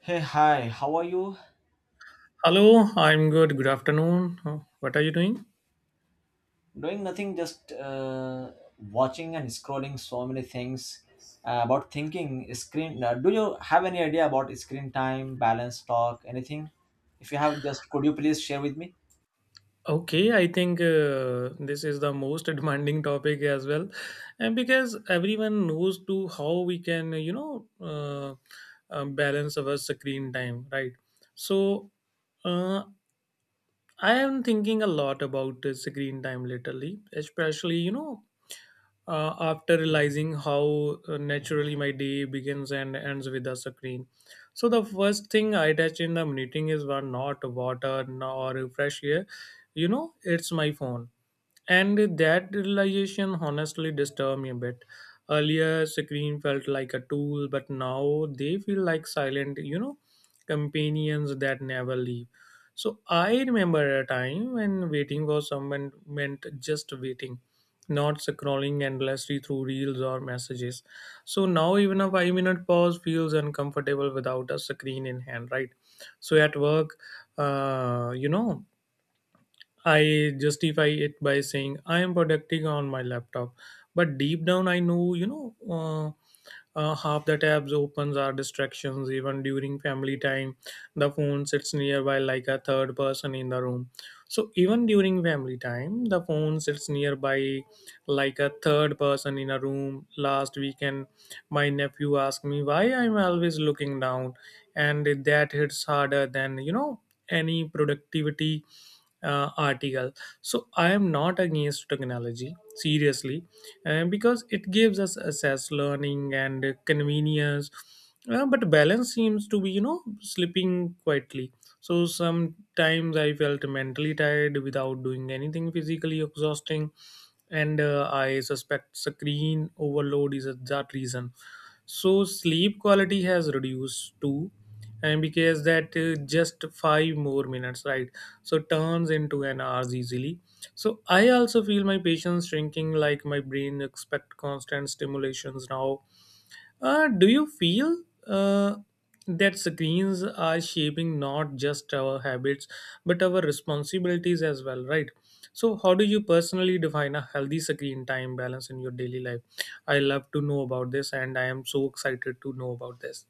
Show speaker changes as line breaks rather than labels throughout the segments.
Hey, hi, how are you?
Hello, I'm good. Good afternoon. What are you doing?
Doing nothing, just watching and scrolling so many things about thinking screen. Do you have any idea about screen time, balance, talk, anything? If you have, just could you please share with me?
Okay, I think this is the most demanding topic as well, and because everyone knows to how we can, balance our screen time, right? So, uh, I am thinking a lot about the screen time lately, especially, after realizing how naturally my day begins and ends with the screen. So the first thing I touch in the meeting is one not water nor fresh air. You know, it's my phone. And that realization honestly disturbed me a bit. Earlier, screen felt like a tool, but now they feel like silent, you know, companions that never leave. So I remember a time when waiting for someone meant just waiting, not scrolling endlessly through reels or messages. So now even a 5 minute pause feels uncomfortable without a screen in hand, right? So at work, uh, you know, I justify it by saying I am productive on my laptop, but deep down I know, half the tabs opens are distractions even during family time. The phone sits nearby like a third person in the room. So even during family time, the phone sits nearby like a third person in a room. Last weekend, my nephew asked me why I'm always looking down, and that hits harder than you know any productivity article. So I am not against technology seriously, because it gives us access learning and convenience but balance seems to be you know slipping quietly. So sometimes I felt mentally tired without doing anything physically exhausting, and I suspect screen overload is that reason. So sleep quality has reduced too, and because that just five more minutes, right? So turns into an hours easily. So I also feel my patience shrinking, like my brain expect constant stimulations now. Do you feel that screens are shaping not just our habits but our responsibilities as well, right? So how do you personally define a healthy screen time balance in your daily life? I love to know about this, and I am so excited to know about this.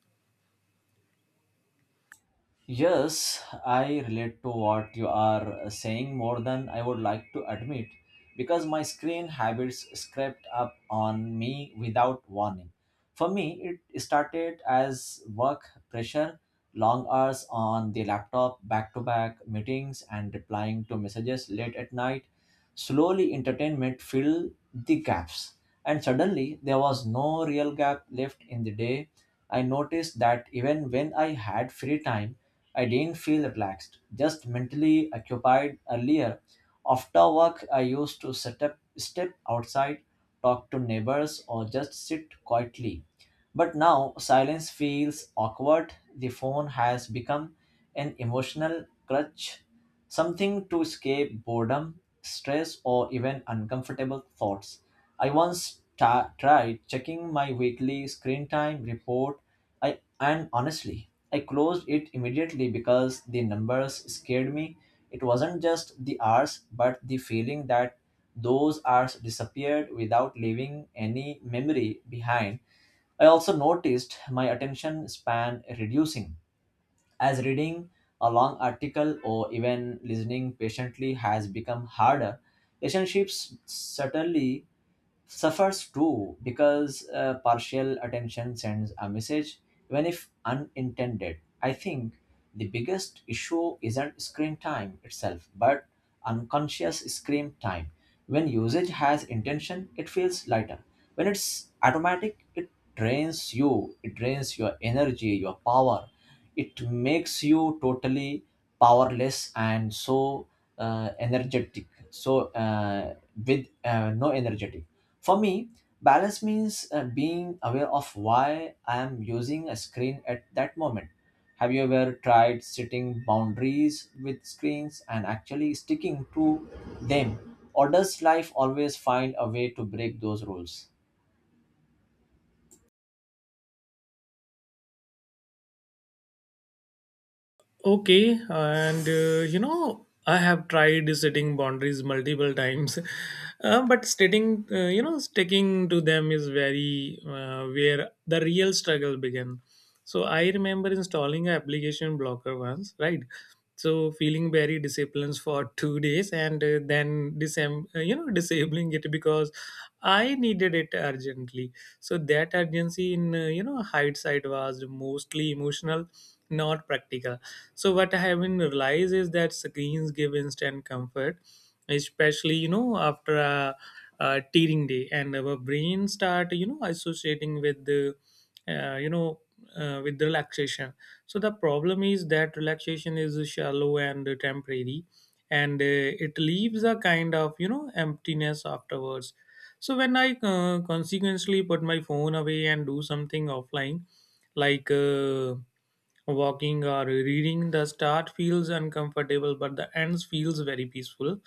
Yes, I relate to what you are saying more than I would like to admit because my screen habits crept up on me without warning. For me, it started as work pressure, long hours on the laptop, back to back meetings, and replying to messages late at night. Slowly, entertainment filled the gaps, and suddenly there was no real gap left in the day. I noticed that even when I had free time, I didn't feel relaxed, just mentally occupied earlier. After work, I used to set up, step outside, talk to neighbors, or just sit quietly. But now silence feels awkward. The phone has become an emotional crutch, something to escape boredom, stress, or even uncomfortable thoughts. I once tried checking my weekly screen time report and honestly, I closed it immediately because the numbers scared me. It wasn't just the hours, but the feeling that those hours disappeared without leaving any memory behind. I also noticed my attention span reducing as reading a long article or even listening patiently has become harder. Relationships certainly suffers too because partial attention sends a message even if unintended. I think the biggest issue isn't screen time itself but unconscious screen time. When usage has intention it feels lighter, when it's automatic it drains you, it drains your energy, your power. It makes you totally powerless and so energetic, so with no energetic. For me balance means being aware of why I am using a screen at that moment. Have you ever tried setting boundaries with screens and actually sticking to them, or does life always find a way to break those rules?
Okay, and you know, I have tried setting boundaries multiple times, but stating, you know, sticking to them is very where the real struggle began. So I remember installing an application blocker once, right? So feeling very disciplined for 2 days, and then you know, disabling it because I needed it urgently. So that urgency in you know hindsight was mostly emotional, not practical. So what I have been realized is that screens give instant comfort, especially you know after a tearing day, and our brain start you know associating with the uh, you know with relaxation. So the problem is that relaxation is shallow and temporary, and it leaves a kind of you know emptiness afterwards. So when I consequently put my phone away and do something offline, like walking or reading, the start feels uncomfortable, but the ends feels very peaceful.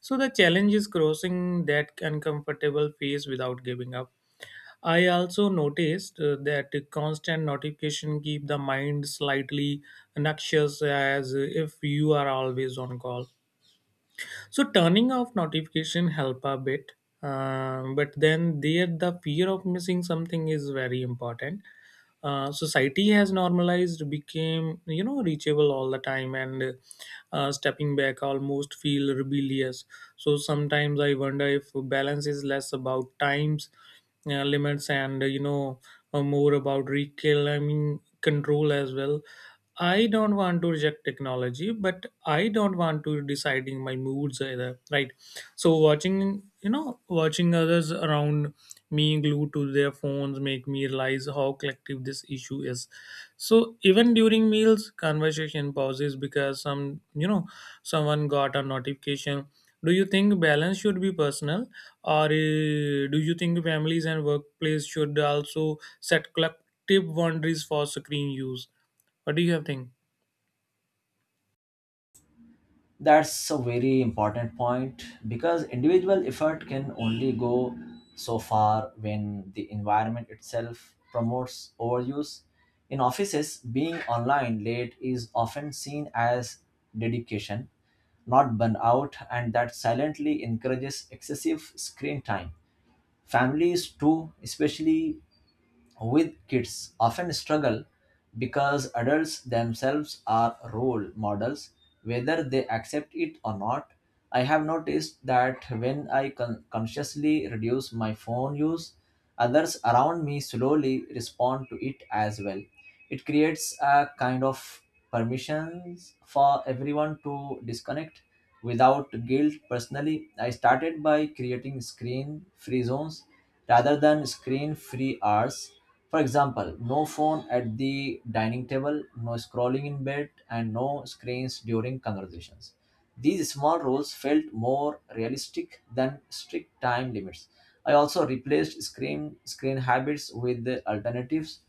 So the challenge is crossing that uncomfortable phase without giving up. I also noticed that constant notification keep the mind slightly noxious, as if you are always on call. So turning off notification help a bit, but then there the fear of missing something is very important. Society has normalized became you know reachable all the time, and stepping back almost feel rebellious. So sometimes I wonder if balance is less about times limits, and more about reclaiming control as well. I don't want to reject technology, but I don't want to deciding my moods either. Right. So watching, you know, watching others around me glued to their phones make me realize how collective this issue is. So even during meals, conversation pauses because some, you know, someone got a notification. Do you think balance should be personal, or do you think families and workplace should also set collective boundaries for screen use? What do you have think?
That's a very important point because individual effort can only go so far when the environment itself promotes overuse. In offices, being online late is often seen as dedication, not burnout, and that silently encourages excessive screen time. Families, too, especially with kids often struggle because adults themselves are role models, whether they accept it or not. I have noticed that when I consciously reduce my phone use, others around me slowly respond to it as well. It creates a kind of permissions for everyone to disconnect without guilt. Personally I started by creating screen free zones rather than screen free hours. For example, no phone at the dining table, no scrolling in bed, and no screens during conversations. These small rules felt more realistic than strict time limits. I also replaced screen habits with the alternatives,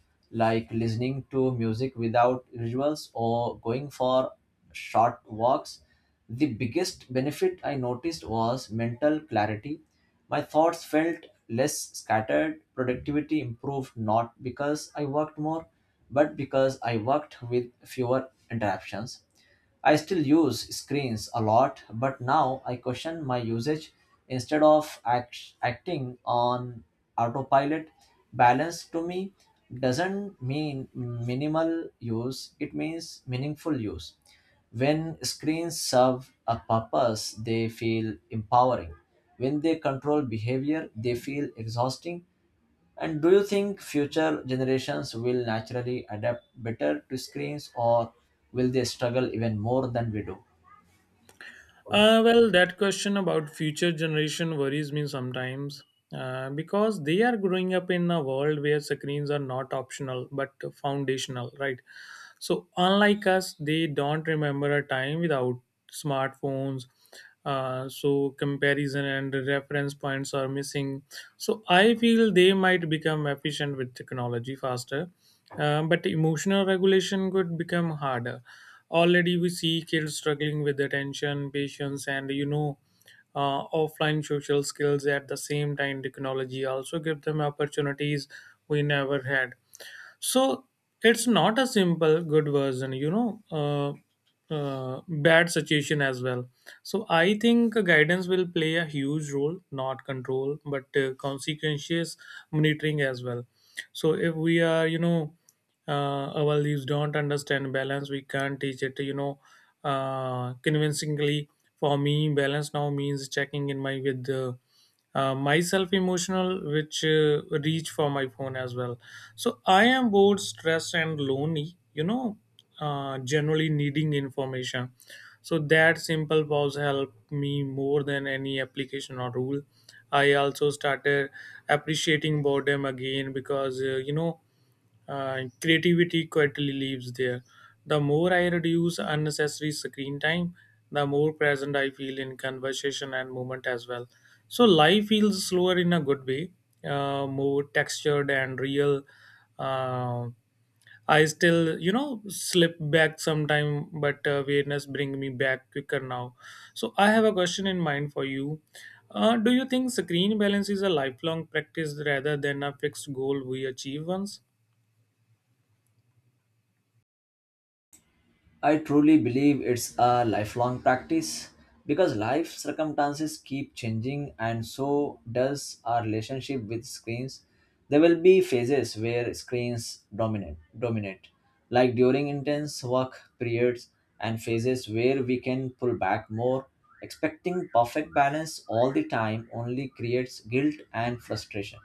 like listening to music without visuals or going for short walks. The biggest benefit I noticed was mental clarity. My thoughts felt less scattered, productivity improved not because I worked more, but because I worked with fewer interruptions. I still use screens a lot, but now I question my usage instead of acting on autopilot. Balance to me doesn't mean minimal use, it means meaningful use. When screens serve a purpose, they feel empowering. When they control behavior, they feel exhausting. And do you think future generations will naturally adapt better to screens or will they struggle even more than we do?
Well, that question about future generation worries me sometimes, because they are growing up in a world where screens are not optional but foundational, right? So unlike us, they don't remember a time without smartphones. So comparison and reference points are missing. So I feel they might become efficient with technology faster, but emotional regulation could become harder. Already we see kids struggling with attention, patience, and you know offline social skills. At the same time, technology also give them opportunities we never had. So it's not a simple good version you know bad situation as well. So I think guidance will play a huge role, not control but consequences monitoring as well. So if we are our leaves don't understand balance, we can't teach it you know convincingly. For me, balance now means checking in my with myself emotional which reach for my phone as well. So I am bored, stressed, and lonely, generally needing information. So that simple pause helped me more than any application or rule. I also started appreciating boredom again because, creativity quietly lives there. The more I reduce unnecessary screen time, the more present I feel in conversation and movement as well. So life feels slower in a good way, more textured and real. Uh, I still, you know, slip back sometime, but awareness bring me back quicker now. So I have a question in mind for you. Do you think screen balance is a lifelong practice rather than a fixed goal we achieve once?
I truly believe it's a lifelong practice because life circumstances keep changing and so does our relationship with screens. There will be phases where screens dominate like during intense work periods, and phases where we can pull back more. Expecting perfect balance all the time only creates guilt and frustration.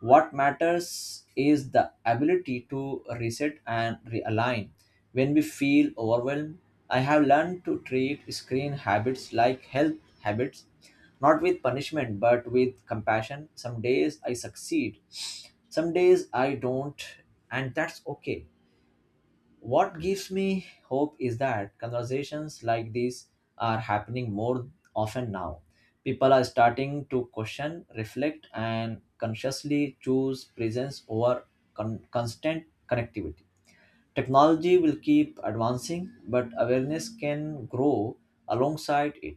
What matters is the ability to reset and realign. When we feel overwhelmed, I have learned to treat screen habits like health habits, not with punishment but with compassion. Some days I succeed, some days I don't, and that's okay. What gives me hope is that conversations like these are happening more often now. People are starting to question, reflect, and consciously choose presence over constant connectivity. Technology will keep advancing, but awareness can grow alongside it.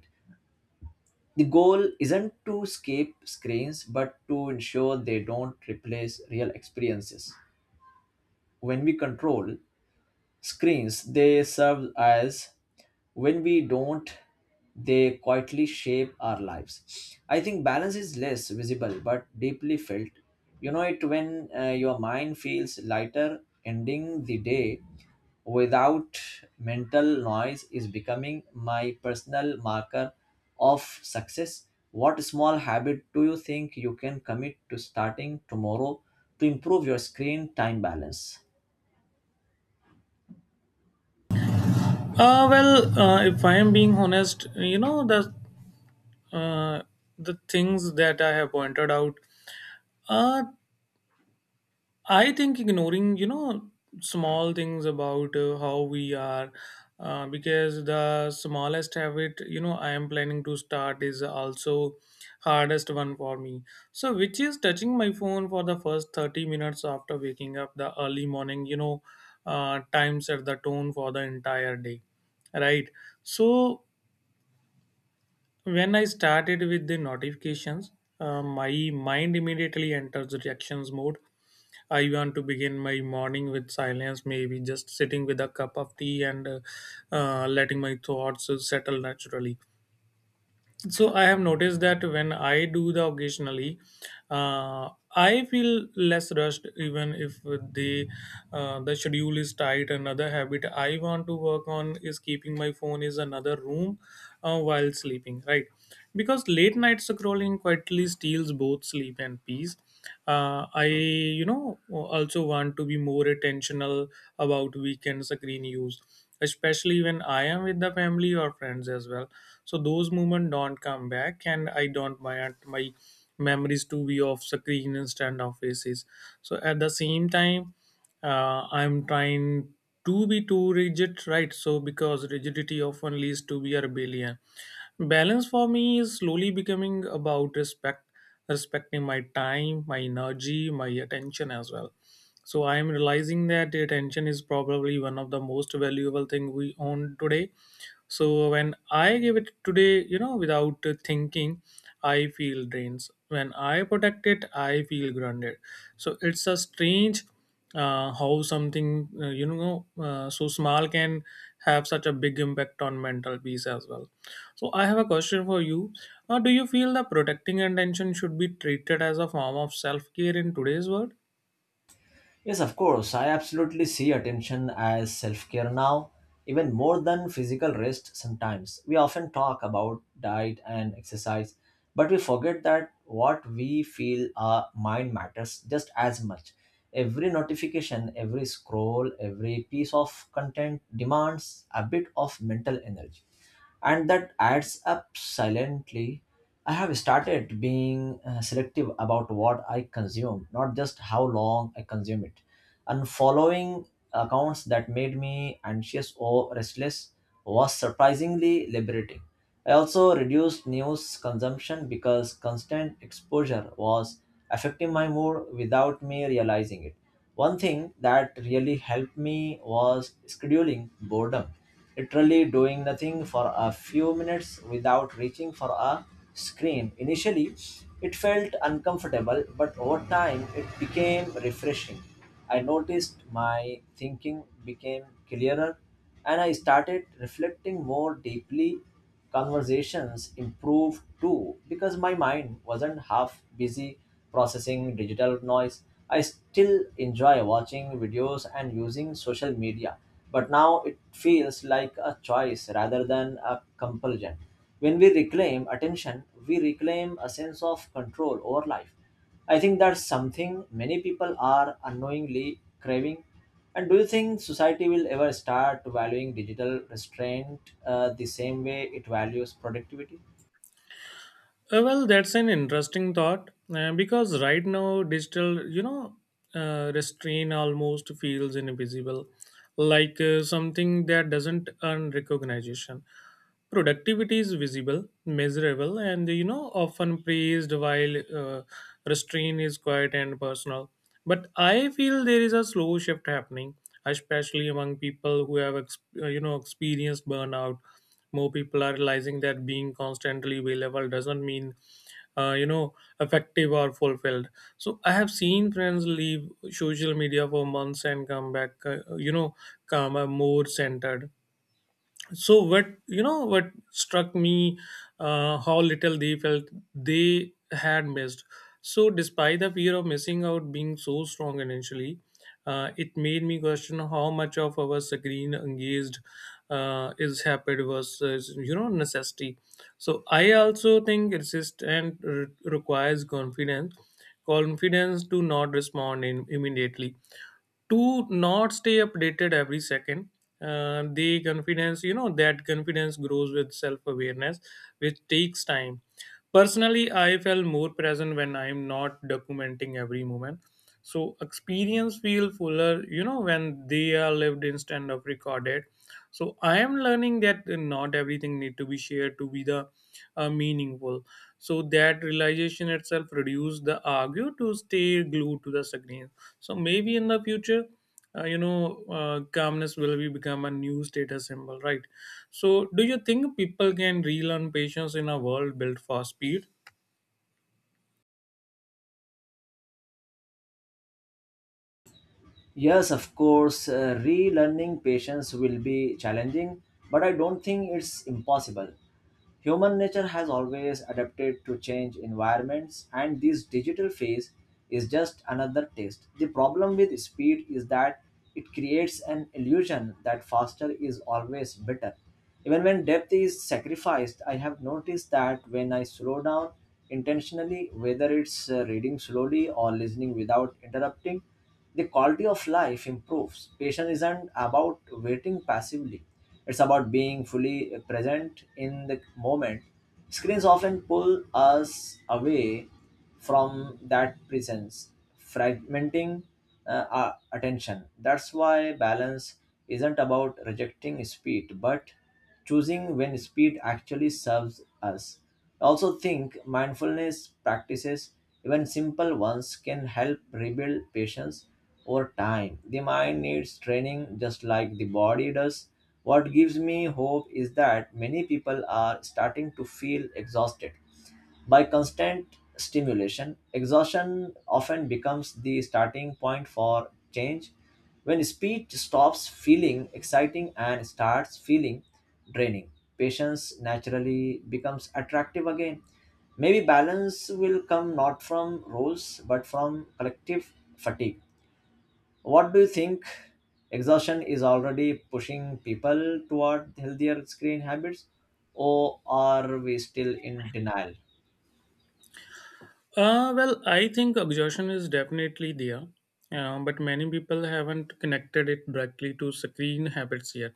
The goal isn't to escape screens, but to ensure they don't replace real experiences. When we control screens, they serve as, when we don't, they quietly shape our lives. I think balance is less visible but deeply felt. You know it when your mind feels lighter. Ending the day without mental noise is becoming my personal marker of success. What small habit do you think you can commit to starting tomorrow to improve your screen time balance?
Well, if I am being honest, you know uh, the things that I have pointed out. Uh, I think ignoring you know small things about how we are, because the smallest habit you know I am planning to start is also hardest one for me. So, which is touching my phone for the first 30 minutes after waking up the early morning. You know, time set the tone for the entire day, right? So when I started with the notifications, my mind immediately enters reactions mode. I want to begin my morning with silence, maybe just sitting with a cup of tea and letting my thoughts settle naturally. So I have noticed that when I do the occasionally, uh, I feel less rushed, even if the schedule is tight. Another habit I want to work on is keeping my phone is another room while sleeping. Right, because late night scrolling quietly steals both sleep and peace. I you know also want to be more attentional about weekend screen use, especially when I am with the family or friends as well. So those moments don't come back, and I don't want my memories to be off screen instead of faces. So at the same time, I'm trying to be too rigid, right? So because rigidity often leads to be a rebellion. Balance for me is slowly becoming about respect, respecting my time, my energy, my attention as well. So I am realizing that attention is probably one of the most valuable thing we own today. So when I give it today, without thinking, I feel drains. When I protect it, I feel grounded. So it's a strange how something so small can have such a big impact on mental peace as well. So I have a question for you. Do you feel that protecting attention should be treated as a form of self-care in today's world?
Yes, of course. I absolutely see attention as self care now, even more than physical rest sometimes. We often talk about diet and exercise, but we forget that what we feel our mind matters just as much. Every notification, every scroll, every piece of content demands a bit of mental energy and that adds up silently. I have started being selective about what I consume, not just how long I consume it. And following accounts that made me anxious or restless was surprisingly liberating. I also reduced news consumption because constant exposure was affecting my mood without me realizing it. One thing that really helped me was scheduling boredom, literally doing nothing for a few minutes without reaching for a screen. Initially, it felt uncomfortable, but over time, it became refreshing. I noticed my thinking became clearer and I started reflecting more deeply. Conversations improved too because my mind wasn't half busy processing digital noise. I still enjoy watching videos and using social media, but now it feels like a choice rather than a compulsion. When we reclaim attention, we reclaim a sense of control over life. I think that's something many people are unknowingly craving. And do you think society will ever start valuing digital restraint the same way it values productivity?
Well, that's an interesting thought because right now digital, restraint almost feels invisible, like something that doesn't earn recognition. Productivity is visible, measurable, and you know, often praised, while restraint is quiet and personal. But I feel there is a slow shift happening, especially among people who have you know, experienced burnout. More people are realizing that being constantly available doesn't mean uh, you know effective or fulfilled. So I have seen friends leave social media for months and come back, you know, calmer, more centered. So what, you know, what struck me, how little they felt they had missed. So despite the fear of missing out being so strong initially, it made me question how much of our screen engaged is habit versus, you know, necessity. So I also think resist and requires confidence, confidence to not respond in, immediately, to not stay updated every second. The confidence, you know, that confidence grows with self-awareness, which takes time. Personally, I felt more present when I'm not documenting every moment. So experience feel fuller, you know, when they are lived instead of recorded. So I am learning that not everything need to be shared to be the meaningful. So that realization itself reduce the argue to stay glued to the screen. So maybe in the future, calmness will be become a new status symbol, right? So do you think people can relearn patience in a world built for speed?
Yes, of course, relearning patience will be challenging, but I don't think it's impossible. Human nature has always adapted to change environments, and this digital phase is just another test. The problem with speed is that it creates an illusion that faster is always better. Even when depth is sacrificed, I have noticed that when I slow down intentionally, whether it's reading slowly or listening without interrupting, the quality of life improves. Patience isn't about waiting passively, it's about being fully present in the moment. Screens often pull us away from that presence, fragmenting our attention. That's why balance isn't about rejecting speed, but choosing when speed actually serves us. I also think mindfulness practices, even simple ones, can help rebuild patience over time. The mind needs training just like the body does. What gives me hope is that many people are starting to feel exhausted by constant stimulation. Exhaustion often becomes the starting point for change. When speed stops feeling exciting and starts feeling draining, patience naturally becomes attractive again. Maybe balance will come not from rules but from collective fatigue. What do you think? Exhaustion is already pushing people toward healthier screen habits, or are we still in denial?
Well, I think exhaustion is definitely there, but many people haven't connected it directly to screen habits yet.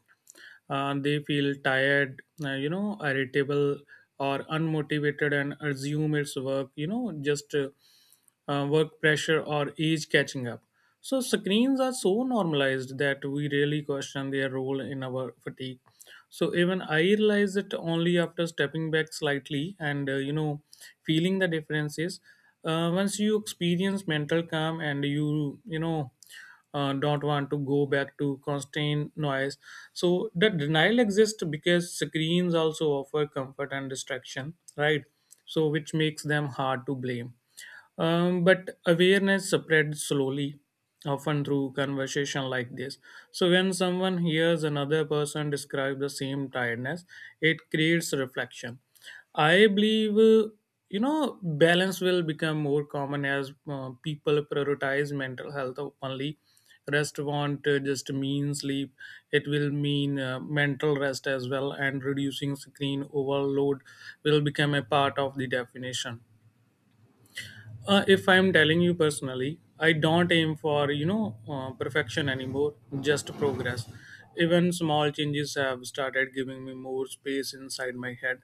They feel tired, you know, irritable or unmotivated, and assume it's work, you know, just work pressure or age catching up. So screens are so normalized that we really question their role in our fatigue. So even I realized it only after stepping back slightly and you know, feeling the differences. Once you experience mental calm and you know, don't want to go back to constant noise. So the denial exists because screens also offer comfort and distraction, right? So which makes them hard to blame. But awareness spreads slowly, often through conversation like this. So when someone hears another person describe the same tiredness, it creates reflection. I believe, you know, balance will become more common as people prioritize mental health openly. Rest won't just mean sleep, it will mean mental rest as well, and reducing screen overload will become a part of the definition. If I'm telling you personally, I don't aim for, you know, perfection anymore, just progress. Even small changes have started giving me more space inside my head.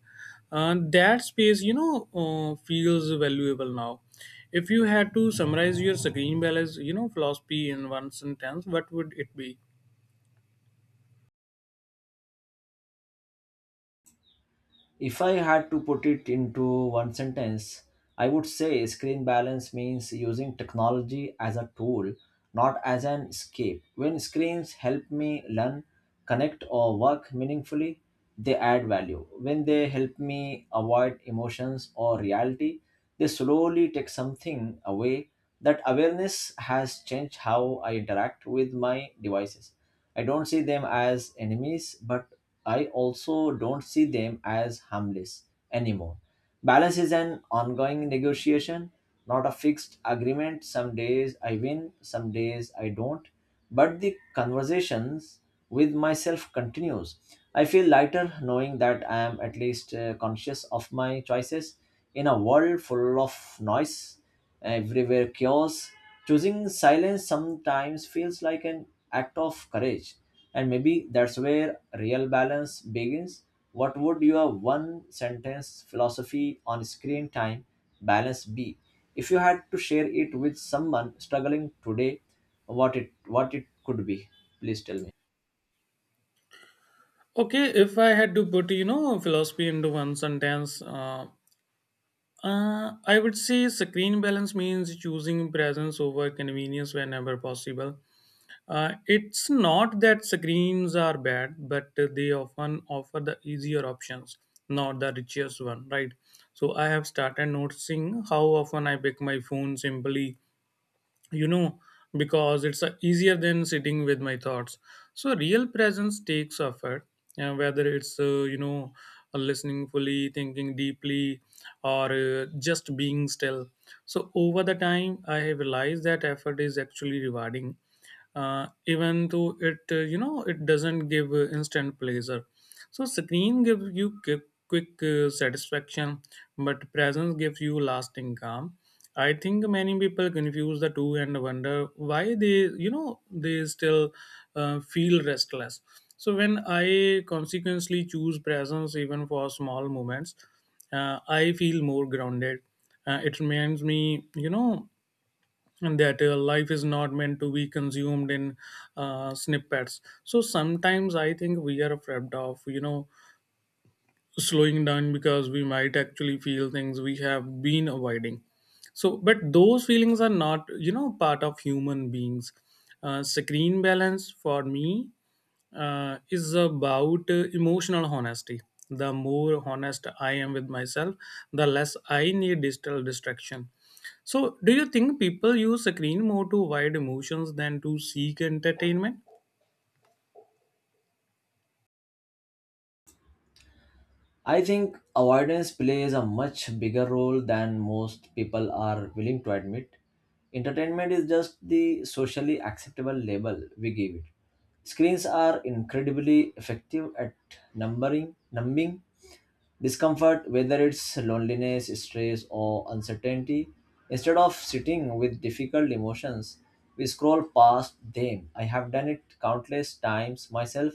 That space, you know, feels valuable now. If you had to summarize your screen balance, you know, philosophy in one sentence, what would it be?
If I had to put it into one sentence, I would say screen balance means using technology as a tool, not as an escape. When screens help me learn, connect, or work meaningfully, they add value. When they help me avoid emotions or reality, they slowly take something away. That awareness has changed how I interact with my devices. I don't see them as enemies, but I also don't see them as harmless anymore. Balance is an ongoing negotiation, not a fixed agreement. Some days I win, some days I don't. But the conversations with myself continues. I feel lighter knowing that I am at least conscious of my choices in a world full of noise, everywhere chaos. Choosing silence sometimes feels like an act of courage, and maybe that's where real balance begins. What would your one sentence philosophy on screen time balance be? If you had to share it with someone struggling today, what it could be? Please tell me.
Okay, if I had to put, you know, philosophy into one sentence, I would say screen balance means choosing presence over convenience whenever possible. It's not that screens are bad, but they often offer the easier options, not the richest one, right? So I have started noticing how often I pick my phone simply, you know, because it's easier than sitting with my thoughts. So real presence takes effort, and whether it's listening fully, thinking deeply, or just being still. So over the time, I have realized that effort is actually rewarding, even though it, you know, it doesn't give instant pleasure. So screen gives you quick satisfaction, but presence gives you lasting calm. I think many people confuse the two and wonder why they, you know, they still feel restless. So when I consequently choose presence even for small moments, I feel more grounded. It reminds me, you know, that life is not meant to be consumed in snippets. So sometimes I think we are afraid of, you know, slowing down because we might actually feel things we have been avoiding. So but those feelings are not, you know, part of human beings. Screen balance for me is about emotional honesty. The more honest I am with myself, the less I need digital distraction. So do you think people use screen more to avoid emotions than to seek entertainment?
I think avoidance plays a much bigger role than most people are willing to admit. Entertainment is just the socially acceptable label we give it. Screens are incredibly effective at numbering, numbing discomfort, whether it's loneliness, stress, or uncertainty. Instead of sitting with difficult emotions, we scroll past them. I have done it countless times myself,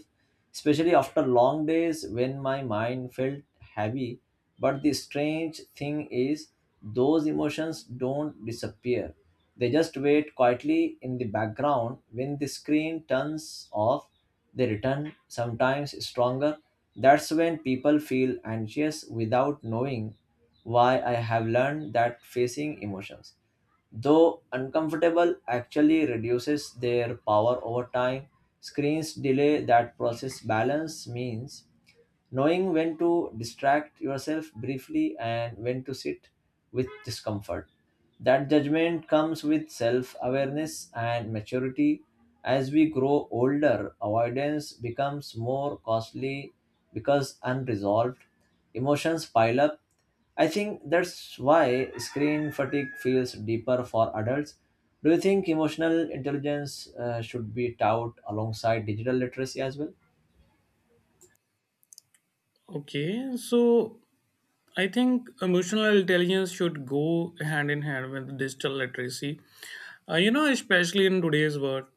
especially after long days when my mind felt heavy. But the strange thing is, those emotions don't disappear. They just wait quietly in the background. When the screen turns off they return sometimes stronger. That's when people feel anxious without knowing why. I have learned that facing emotions, though uncomfortable, actually reduces their power over time. Screens delay that process. Balance means knowing when to distract yourself briefly and when to sit with discomfort. That judgment comes with self awareness and maturity. As we grow older, avoidance becomes more costly because unresolved emotions pile up. I think that's why screen fatigue feels deeper for adults. Do you think emotional intelligence should be taught alongside digital literacy as well?
Okay, so I think emotional intelligence should go hand in hand with digital literacy. You know, especially in today's world,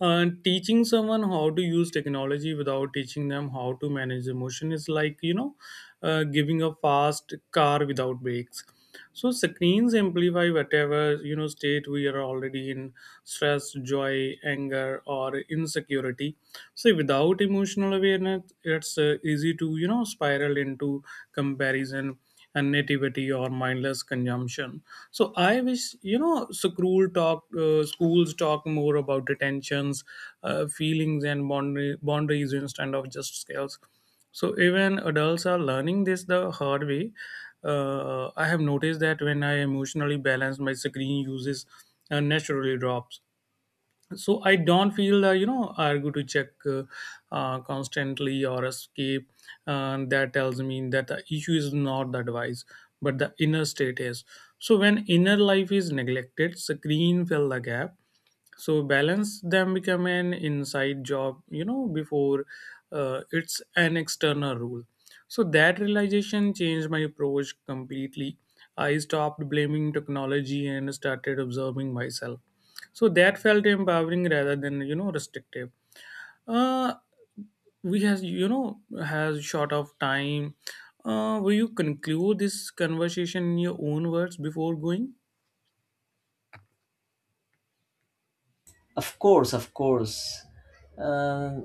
teaching someone how to use technology without teaching them how to manage emotion is like, you know, giving a fast car without brakes. So screens amplify whatever, you know, state we are already in, stress, joy, anger, or insecurity. So without emotional awareness, it's easy to, you know, spiral into comparison and nativity or mindless consumption. So I wish, you know, schools talk more about detentions, feelings, and boundaries instead of just scales. So even adults are learning this the hard way. I have noticed that when I emotionally balance, my screen uses naturally drops. So I don't feel, you know, I go to check, constantly or escape. And that tells me that the issue is not the device, but the inner state is. So when inner life is neglected, screen fill the gap. So balance them become an inside job, you know, before it's an external rule. So that realization changed my approach completely. I stopped blaming technology and started observing myself. So that felt empowering rather than, you know, restrictive. uh, we has, you know, has short of time. Will you conclude this conversation in your own words before going?
Of course, of course. Uh,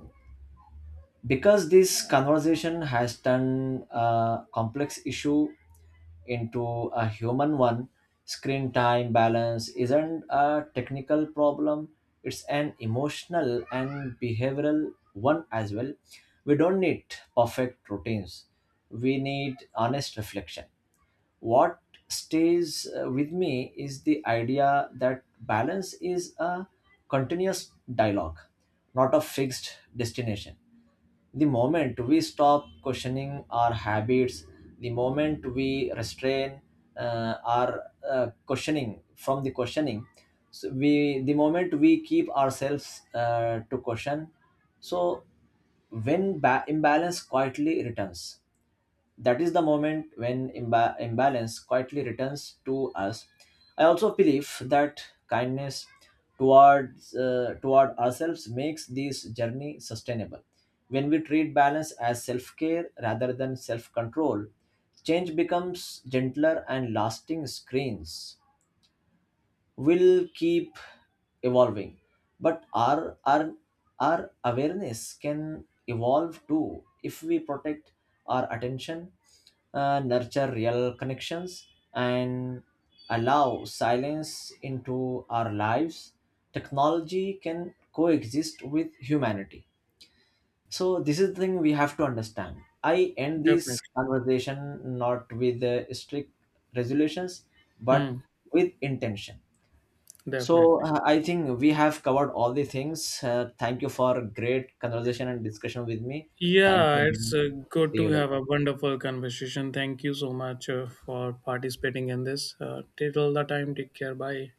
because this conversation has turned a complex issue into a human one, screen time balance isn't a technical problem, it's an emotional and behavioral one as well. We don't need perfect routines, we need honest reflection. What stays with me is the idea that balance is a continuous dialogue, not a fixed destination. The moment we stop questioning our habits, the moment we restrain our questioning from the questioning, so we the moment we keep ourselves to question, so when imbalance quietly returns, that is the moment when imbalance quietly returns to us. I also believe that kindness toward ourselves makes this journey sustainable. When we treat balance as self-care rather than self-control, change becomes gentler and lasting. Screens will keep evolving, but our awareness can evolve too. If we protect our attention, nurture real connections and allow silence into our lives, technology can coexist with humanity. So this is the thing we have to understand. I end
Definitely.
this conversation not with strict resolutions, but
Hmm.
with intention. So
Definitely.
I think we have covered all the things. Thank you for great conversation and discussion with me. Thank
Yeah, it's
you.
good
See
to
you
have a
later.
wonderful conversation. Thank you so much for participating in this. Till the time, take care. Bye.